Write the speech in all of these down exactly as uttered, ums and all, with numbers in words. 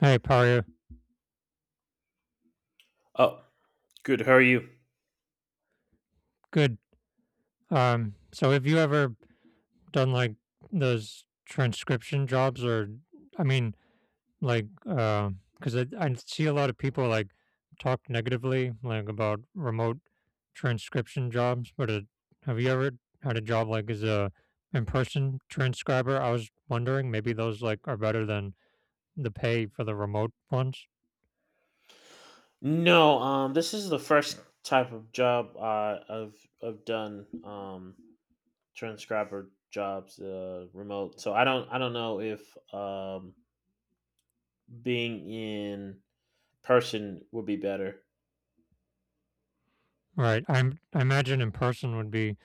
Hey, Paria. Oh, good. How are you? Good. Um, so have you ever done like those transcription jobs? Or I mean like uh, because I I see a lot of people like talk negatively like about remote transcription jobs, but uh, have you ever had a job like as a in-person transcriber? I was wondering maybe those like are better than the pay for the remote ones. No, um, this is the first type of job uh, I've I've done um transcriber jobs uh remote. So I don't I don't know if um being in person would be better. Right. I'm I imagine in person would be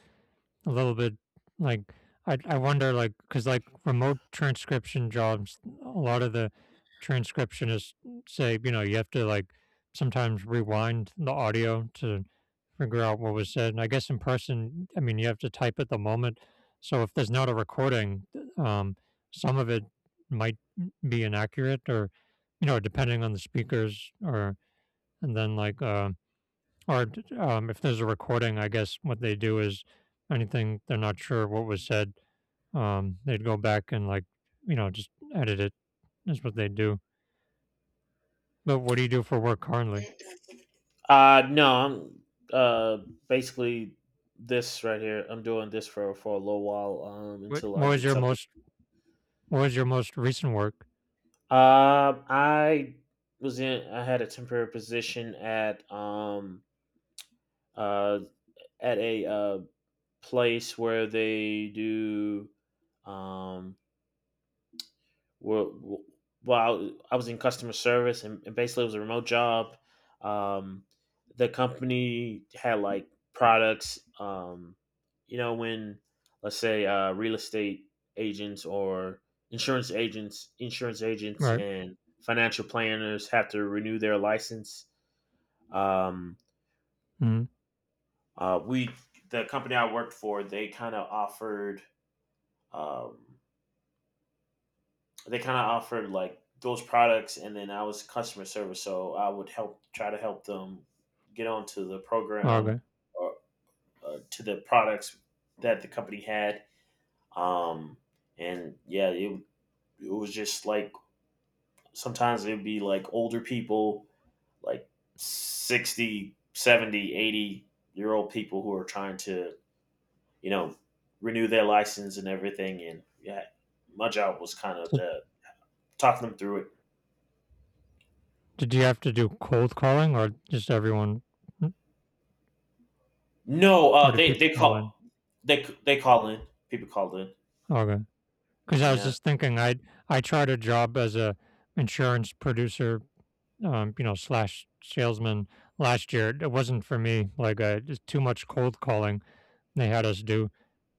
a little bit like I I wonder like because like remote transcription jobs, a lot of the transcriptionists say you know you have to like sometimes rewind the audio to figure out what was said. And I guess in person, I mean you have to type at the moment. So if there's not a recording, um, some of it might be inaccurate, or you know, depending on the speakers. Or and then like um or d um, If there's a recording, I guess what they do is anything they're not sure what was said, um, they'd go back and, like, you know, just edit it. That's what they do. But what do you do for work currently? Uh no, I'm uh basically this right here. I'm doing this for for a little while um What until I what was get your something. most what was your most recent work? Um, I was in. I had a temporary position at um uh at a uh place where they do, um where, well I was in customer service and, and basically it was a remote job. um the company had like products, um you know, when let's say uh real estate agents or insurance agents insurance agents Right. and financial planners have to renew their license. Um Mhm. uh we The company I worked for, they kind of offered, um they kind of offered like those products. And then I was customer service, so I would help, try to help them get onto the Oh, program, okay. or, or to the products that the company had. um and yeah, it, it was just like sometimes it would be like older people, like sixty, seventy, eighty year old people who are trying to, you know, renew their license and everything. And yeah, my job was kind of So the, talk them through it. did you have to do cold calling or just everyone, mm, No, or uh, do they people they call in? call, they they call in. People call in. Okay. Because I was Yeah. just thinking i I tried a job as a insurance producer, um, you know, slash salesman last year. It wasn't for me. Like, uh, just too much cold calling they had us do,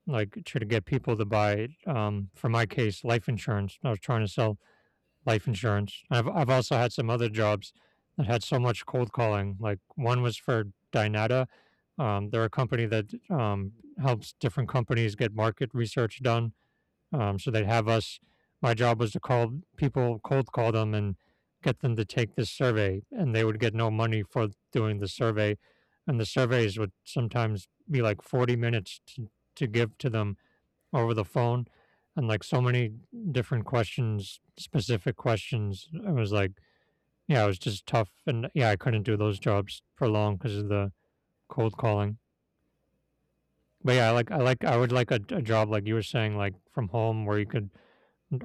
like, try to get people to buy, um, for my case, life insurance. I was trying to sell life insurance. I've, I've also had some other jobs that had so much cold calling. Like, one was for Dynata. Um, they're a company that um, helps different companies get market research done, um, so they'd have us my job was to call people, cold call them and get them to take this survey, and they would get no money for doing the survey. And the surveys would sometimes be like forty minutes to, to give to them over the phone, and like so many different questions, specific questions. I was like, yeah, it was just tough. And yeah, I couldn't do those jobs for long because of the cold calling. But yeah, I like, I like, I would like a, a job like you were saying, like from home where you could,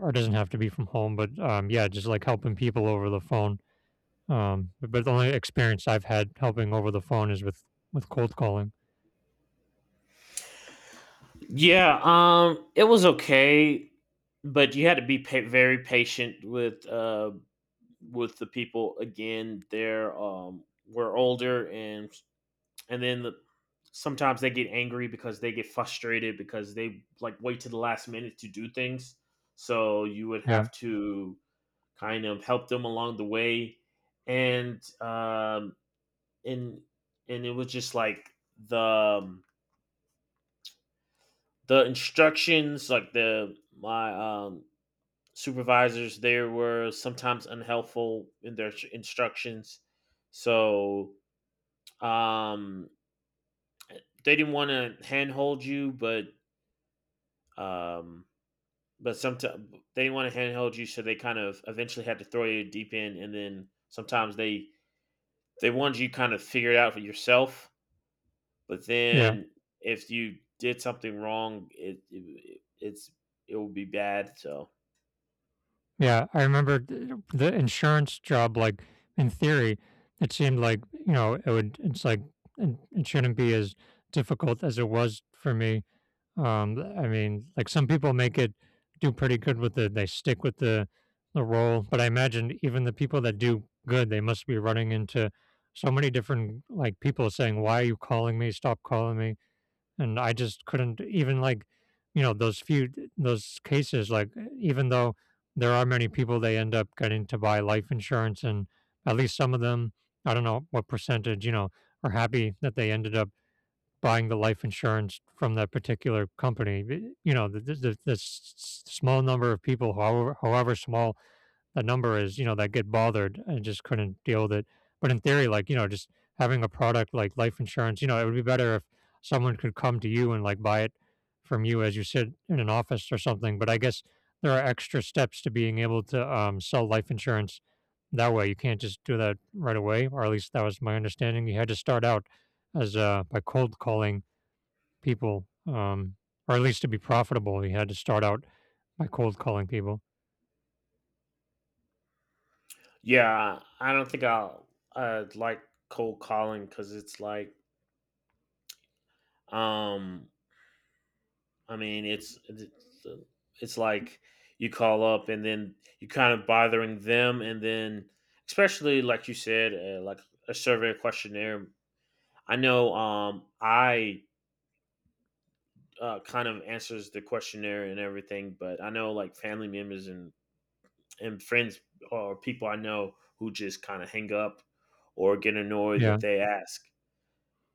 or it doesn't have to be from home, but um, yeah, just like helping people over the phone. Um, but, but the only experience I've had helping over the phone is with with cold calling. Yeah. Um, it was okay, but you had to be pa- very patient with uh with the people. Again, they're um we're older, and and then the, sometimes they get angry because they get frustrated because they like wait to the last minute to do things. So you would Yeah, have to kind of help them along the way. And um and and it was just like the um, the instructions, like the my um supervisors there were sometimes unhelpful in their instructions. So um they didn't want to handhold you, but um but sometimes they didn't want to handhold you, so they kind of eventually had to throw you deep in, and then sometimes they they wanted you kind of figure it out for yourself. But yeah, then if you did something wrong, it, it it's it will be bad. So. yeah. I remember th- the insurance job. Like in theory, it seemed like you know it would. It's like it, it shouldn't be as difficult as it was for me. Um, I mean, like some people make it do pretty good with it. They stick with the the role, but I imagine even the people that do good, they must be running into so many different like people saying, "Why are you calling me? Stop calling me!" And I just couldn't even like, you know, those few those cases. Like, even though there are many people, they end up getting to buy life insurance, and at least some of them, I don't know what percentage, you know, are happy that they ended up buying the life insurance from that particular company. B- You know, the, the, the the s- s- small number of people, however, however small the number is, you know, that get bothered and just couldn't deal with it. But in theory, like, you know, just having a product like life insurance, you know, it would be better if someone could come to you and like buy it from you as you sit in an office or something. But I guess there are extra steps to being able to um, sell life insurance that way. You can't just do that right away, or at least that was my understanding. You had to start out as uh, by cold calling people, um, or at least to be profitable, you had to start out by cold calling people. Yeah, I don't think I'll uh, like cold calling, because it's like, um I mean, it's it's, uh, it's like you call up, and then you are kind of bothering them, and then especially like you said, uh, like a survey questionnaire. I know um i uh, kind of answers the questionnaire and everything. But I know like family members, and and friends or people I know who just kind of hang up or get annoyed Yeah. that they ask.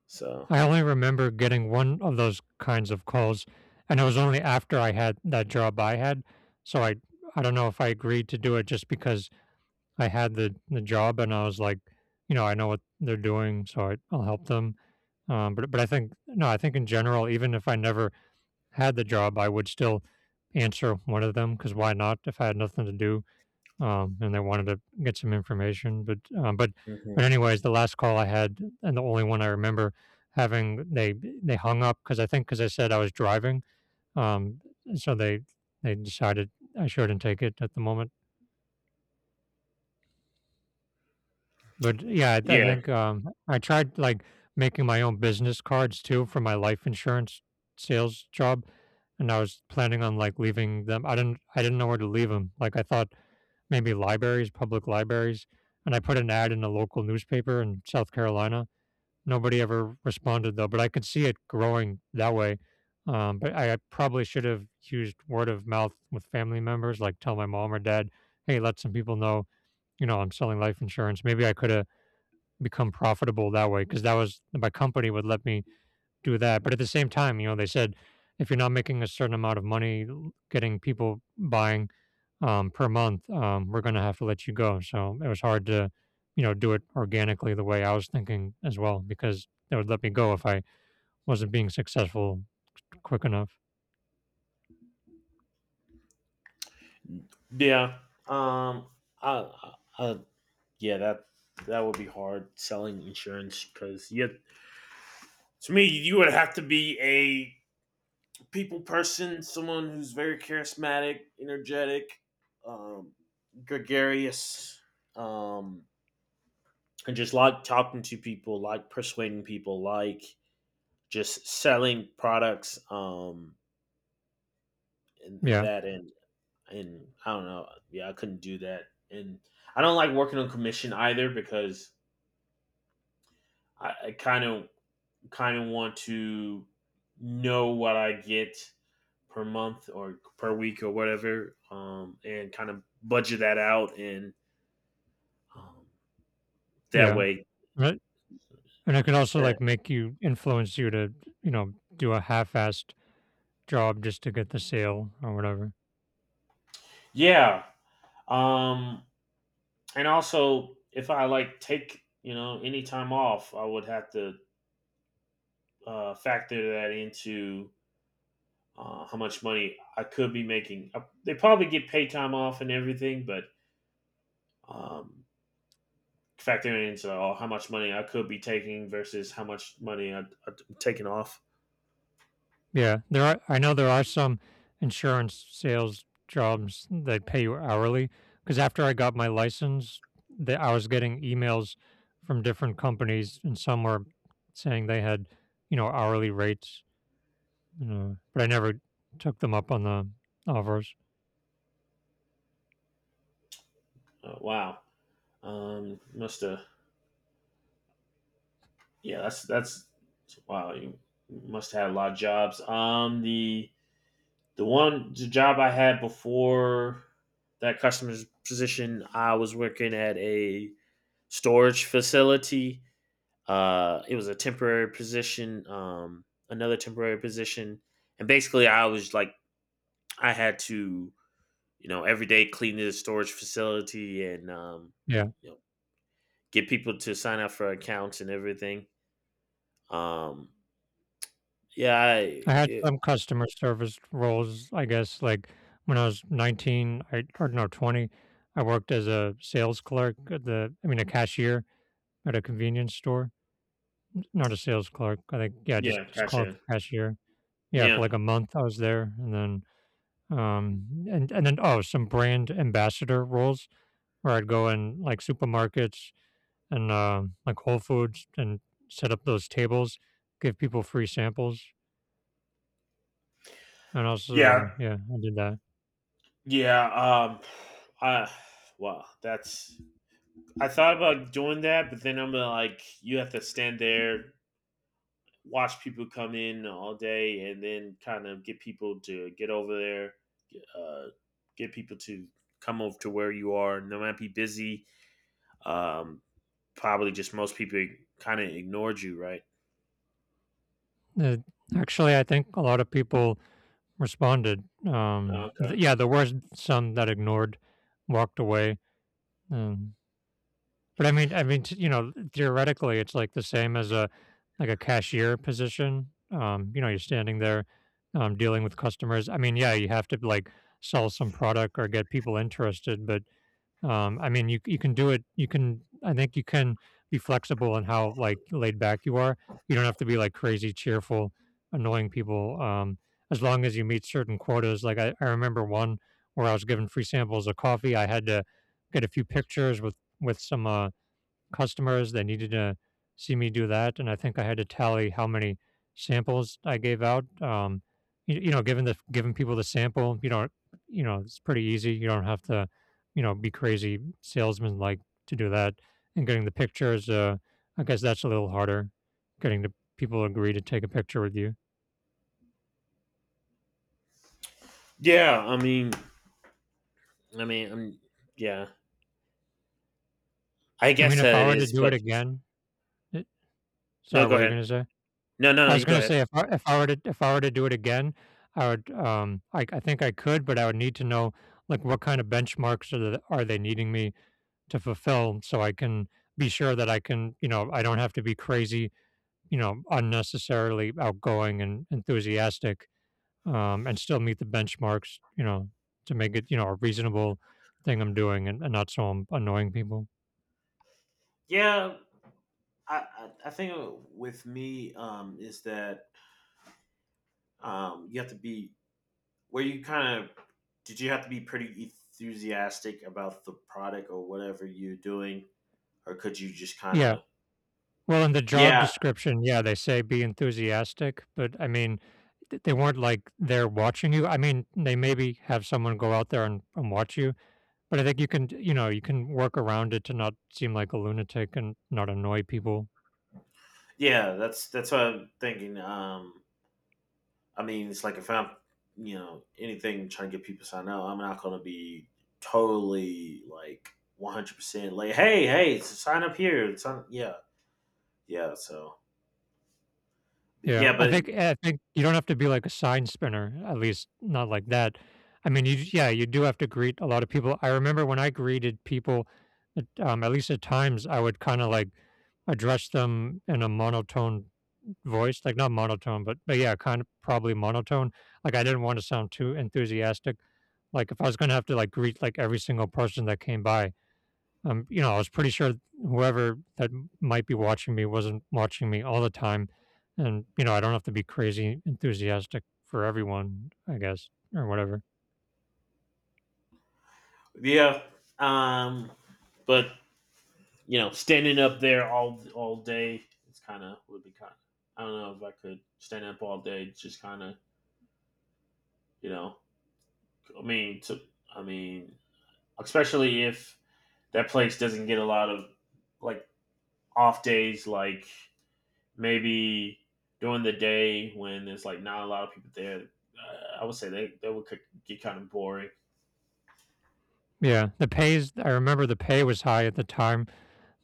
So. I only remember getting one of those kinds of calls, and it was only after I had that job I had. So I I don't know if I agreed to do it just because I had the the job and I was like, you know, I know what they're doing, so I, I'll help them. Um, but but I think no, I think in general, even if I never had the job, I would still answer one of them because why not? If I had nothing to do, um, and they wanted to get some information. But um, but Mhm. but anyways, the last call I had, and the only one I remember having, they they hung up because I think because I said I was driving, um, so they they decided I shouldn't take it at the moment. But yeah, I, I Yeah, think um, I tried like making my own business cards too for my life insurance sales job, and I was planning on like leaving them. I didn't I didn't know where to leave them. Like I thought maybe libraries, public libraries, and I put an ad in a local newspaper in South Carolina. Nobody ever responded though, but I could see it growing that way. Um, but I, I probably should have used word of mouth with family members, like tell my mom or dad, hey, let some people know, you know, I'm selling life insurance. Maybe I could have become profitable that way because that was my company would let me do that. But at the same time, you know, they said if you're not making a certain amount of money l- getting people buying um, per month, um, we're going to have to let you go. So it was hard to, you know, do it organically the way I was thinking as well, because they would let me go if I wasn't being successful quick enough. yeah. Um, I, I, yeah, that that would be hard selling insurance, because yeah, to me, you would have to be a people person, someone who's very charismatic, energetic, um, gregarious, um, and just like talking to people, like persuading people, like just selling products. um and, and Yeah. that and and I don't know. Yeah, I couldn't do that. And I don't like working on commission either, because i I kind of kind of want to know what I get per month or per week or whatever. Um and kind of budget that out. And um, that Yeah. way. Right. And it could also and- like make you influence you to, you know, do a half assed job just to get the sale or whatever. yeah, um and also if I like take, you know, any time off, I would have to uh, factor that into uh, how much money I could be making. Uh, They probably get pay time off and everything, but, um, factoring into uh, how much money I could be taking versus how much money I, I'm taking off. Yeah, there are. I know there are some insurance sales jobs that pay you hourly. Because after I got my license, the, I was getting emails from different companies, and some were saying they had, you know, hourly rates. You know, but I never took them up on the offers. Uh, wow, um, must have yeah, that's that's wow. You must have had a lot of jobs. Um, the the one the job I had before that customer's position, I was working at a storage facility. Uh, it was a temporary position, um, another temporary position, and basically I was like, I had to, you know, every day clean the storage facility, and, um, Yeah, you know, get people to sign up for accounts and everything. Um, yeah, I I had it, some customer service roles. I guess like when I was nineteen, I or no twenty, I worked as a sales clerk at the. I mean, a cashier at a convenience store. Not a sales clerk. I think yeah, just yeah, just called the gotcha. cashier. Yeah, Yeah, for like a month I was there, and then um, and and then oh, some brand ambassador roles where I'd go in like supermarkets and uh, like Whole Foods and set up those tables, give people free samples, and also yeah, yeah, I did that. yeah. Um, I Wow, that's I thought about doing that, but then I'm like, you have to stand there, watch people come in all day, and then kind of get people to get over there. uh, get people to come over to where you are. And they might be busy. Um, Probably just most people kind of ignored you, right? Uh, actually, I think a lot of people responded. Um, th- Okay. yeah, there were some that ignored, walked away. Um, But I mean I mean, t you know, theoretically, it's, like, the same as a like, a cashier position, um, you know, you're standing there, um, dealing with customers, I mean, yeah, you have to, like, sell some product or get people interested, but, um, I mean, you you can do it you can I think you can be flexible in how, like, laid back you are, you don't have to be, like, crazy cheerful, annoying people, um, as long as you meet certain quotas, like, I I remember one where I was given free samples of coffee, I had to get a few pictures with with some, uh customers. They needed to see me do that, and I think I had to tally how many samples I gave out. Um, you, you know, giving the giving people the sample, you know, you know, it's pretty easy. You don't have to, you know, be crazy salesman like to do that. And getting the pictures, uh, I guess that's a little harder. Getting the people to agree to take a picture with you. Yeah, I mean, I mean, um yeah, I I mean, guess if that I it were to is. do But it again, it, no, sorry, what go were you ahead. going to say? No, no, no, I was you go gonna ahead. say if I if I were to if I were to do it again, I would, um, I I think I could, but I would need to know, like, what kind of benchmarks are the are they needing me to fulfill so I can be sure that I can, you know, I don't have to be crazy, you know, unnecessarily outgoing and enthusiastic, um, and still meet the benchmarks, you know, to make it, you know, a reasonable thing I'm doing and, and not so um, annoying people. Yeah, I, I, I think with me, um, is that, um, you have to be where you kind of, did you have to be pretty enthusiastic about the product or whatever you're doing, or could you just kind Yeah. of? Well, in the job Yeah, description, yeah, they say be enthusiastic, but I mean, th- they weren't like there watching you. I mean, they maybe have someone go out there and, and watch you. But I think you can, you know, you can work around it to not seem like a lunatic and not annoy people. yeah, that's that's what I'm thinking. Um, I mean, it's like if I'm, you know, anything trying to get people to sign up, I'm not going to be totally like one hundred percent, like, hey, hey, sign up here. Sign. Yeah, yeah. So Yeah, yeah, I but. think eh, I think you don't have to be like a sign spinner, at least not like that. I mean, you yeah, you do have to greet a lot of people. I remember when I greeted people, at, um, at least at times, I would kind of like address them in a monotone voice, like not monotone, but, but yeah, kind of probably monotone. Like I didn't want to sound too enthusiastic. Like if I was gonna have to like greet like every single person that came by, um, you know, I was pretty sure whoever that might be watching me wasn't watching me all the time, and you know, I don't have to be crazy enthusiastic for everyone, I guess, or whatever. Yeah, um but, you know, standing up there all all day, it's kind of, would be kind of, I don't know if I could stand up all day. Just kind of, you know. I mean, to, I mean, especially if that place doesn't get a lot of, like, off days, like maybe during the day when there's like not a lot of people there. Uh, I would say they that would get kind of boring. Yeah, the pays. I remember the pay was high at the time.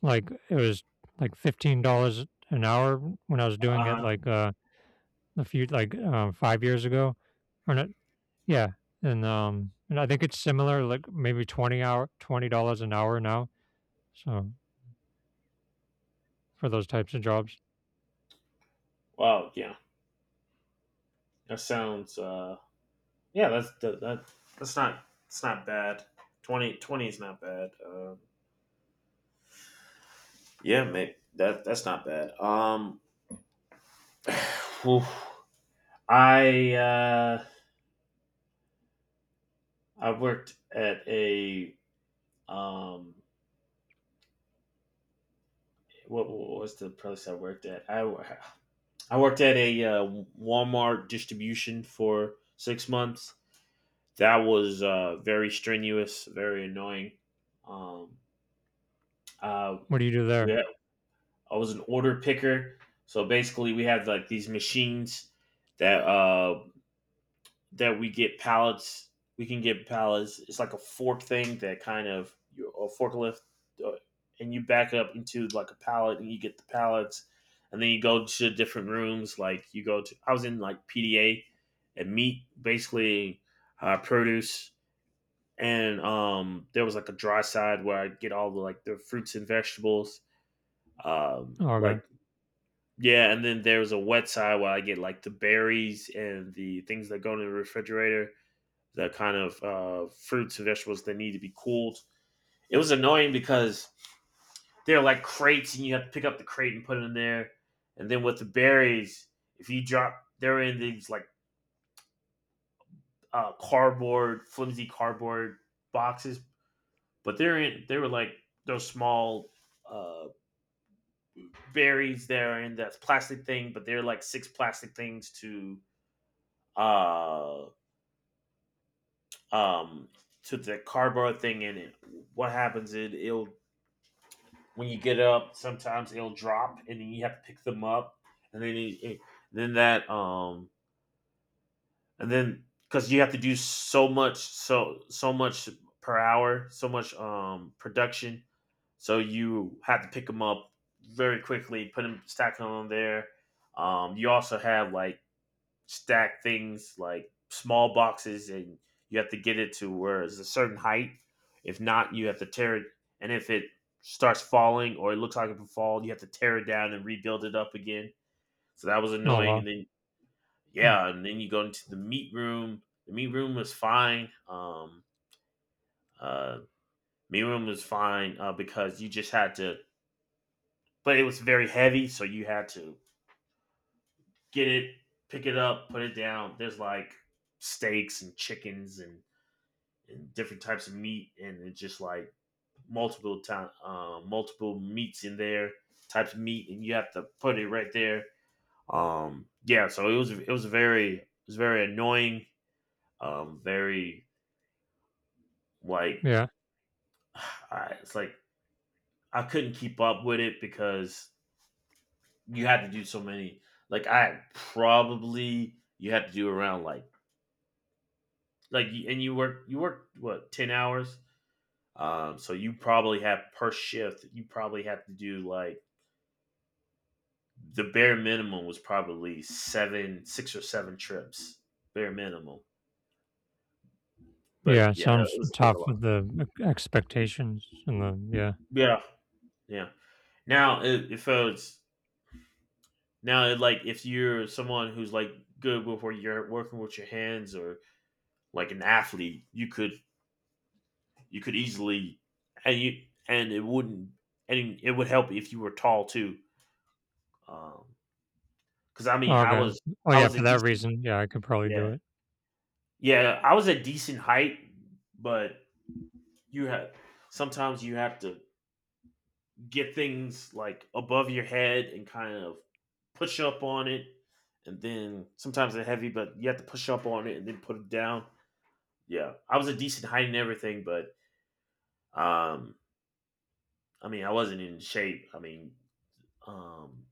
Like it was like fifteen dollars an hour when I was doing Uh it. huh. Like uh a few like um, five years ago, or not? Yeah, and um, and I think it's similar, like maybe twenty hour, twenty dollars an hour now. So for those types of jobs, Wow. Yeah. That sounds. Uh Yeah. That's that, that that's not, it's not bad. Twenty, twenty is not bad. Um, Yeah, mate. That that's not bad. Um, oof. I uh, I worked at a, um, what, what was the place I worked at? I wo- I worked at a uh, Walmart distribution for six months. That was uh, very strenuous, very annoying. Um, uh, what do you do there? yeah, I was an order picker. So basically, we have like these machines that uh, that we get pallets. We can get pallets. It's like a fork thing that kind of, a forklift, uh, and you back up into like a pallet, and you get the pallets, and then you go to different rooms. Like you go to, I was in like P D A and meat. Basically, uh, produce, and, um, there was like a dry side where I'd get all the, like the fruits and vegetables. Um, Oh, okay. like yeah, and then there was a wet side where I get like the berries and the things that go in the refrigerator, the kind of uh, fruits and vegetables that need to be cooled. It was annoying because they're like crates, and you have to pick up the crate and put it in there. And then with the berries, if you drop, they're in these like, uh, cardboard, flimsy cardboard boxes. But they're in. They were like those small, uh, berries there in that plastic thing, but they're like six plastic things to, uh um to the cardboard thing in it. What happens is, it'll when you get up, sometimes it'll drop, and then you have to pick them up. And then it, it- then that um and then, because you have to do so much, so so much per hour, so much um production, so you have to pick them up very quickly, put them, stack them on there. Um, you also have like, stack things like small boxes, and you have to get it to where it's a certain height. If not, you have to tear it. And if it starts falling or it looks like it could fall, you have to tear it down and rebuild it up again. So that was Oh annoying. And wow. then, Mm. Yeah, and then you go into the meat room. The meat room was fine. Um, uh, Meat room was fine, uh, because you just had to, but it was very heavy. So you had to get it, pick it up, put it down. There's like steaks and chickens and different types of meat, and it's just like multiple time uh, multiple meats in there, types of meat, and you have to put it right there. Um yeah, so it was it was very it was very annoying, um very, like. Yeah. I, it's like I couldn't keep up with it, because you had to do so many, like I probably you had to do around, like like and you work you work what, ten hours. Um so you probably have per shift, you probably have to do like the bare minimum was probably seven, six or seven trips. Bare minimum. But Yeah, it yeah, it sounds was, it was a tough lot. with the e- expectations and the yeah. Yeah, yeah. Now, it, if it's now, it, like if you're someone who's like good with where you're working with your hands, or like an athlete, you could you could easily, and you and it wouldn't, and it would help if you were tall too. Um, because I mean, Oh, I okay. was Oh I yeah. was a For that decent, reason, yeah, I could probably do yeah, it. yeah, I was a decent height. But you have, sometimes you have to get things like above your head and kind of push up on it, and then sometimes they're heavy, but you have to push up on it and then put it down. Yeah, I was a decent height and everything. But um I mean, I wasn't in shape, I mean, um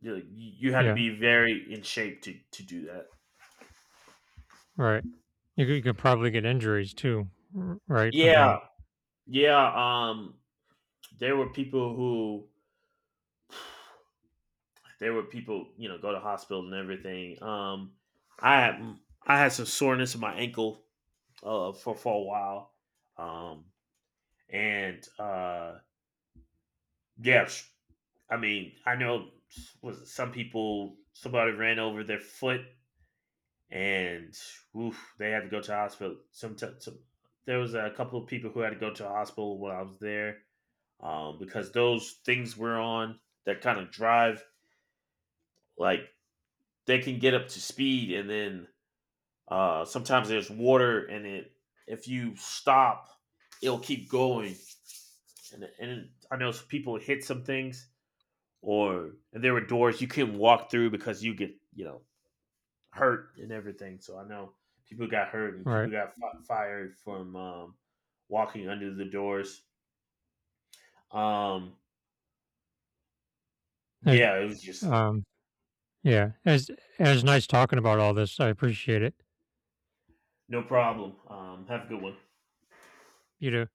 you, you had to Yeah. be very in shape to to do that. Right. You could, you could probably get injuries too. r- Right with Yeah, the yeah. um there were people who there were people, you know, go to hospital and everything. um i had I had some soreness in my ankle uh, for for a while. Um, and uh, Yeah, I mean, I know, was some people somebody ran over their foot, and oof, they had to go to the hospital. Some, t- some There was a couple of people who had to go to the hospital while I was there, um, because those things we're on, that kind of drive, like they can get up to speed. And then, uh, sometimes there's water, and it, if you stop, it'll keep going. And, and I know people hit some things, or and there were doors you couldn't walk through because you get, you know, hurt and everything. So I know people got hurt and right. people got fi- fired from, um, walking under the doors. Um, I, yeah, it was just like. um. Yeah, as as nice talking about all this. I appreciate it. No problem. Um, have a good one. You know,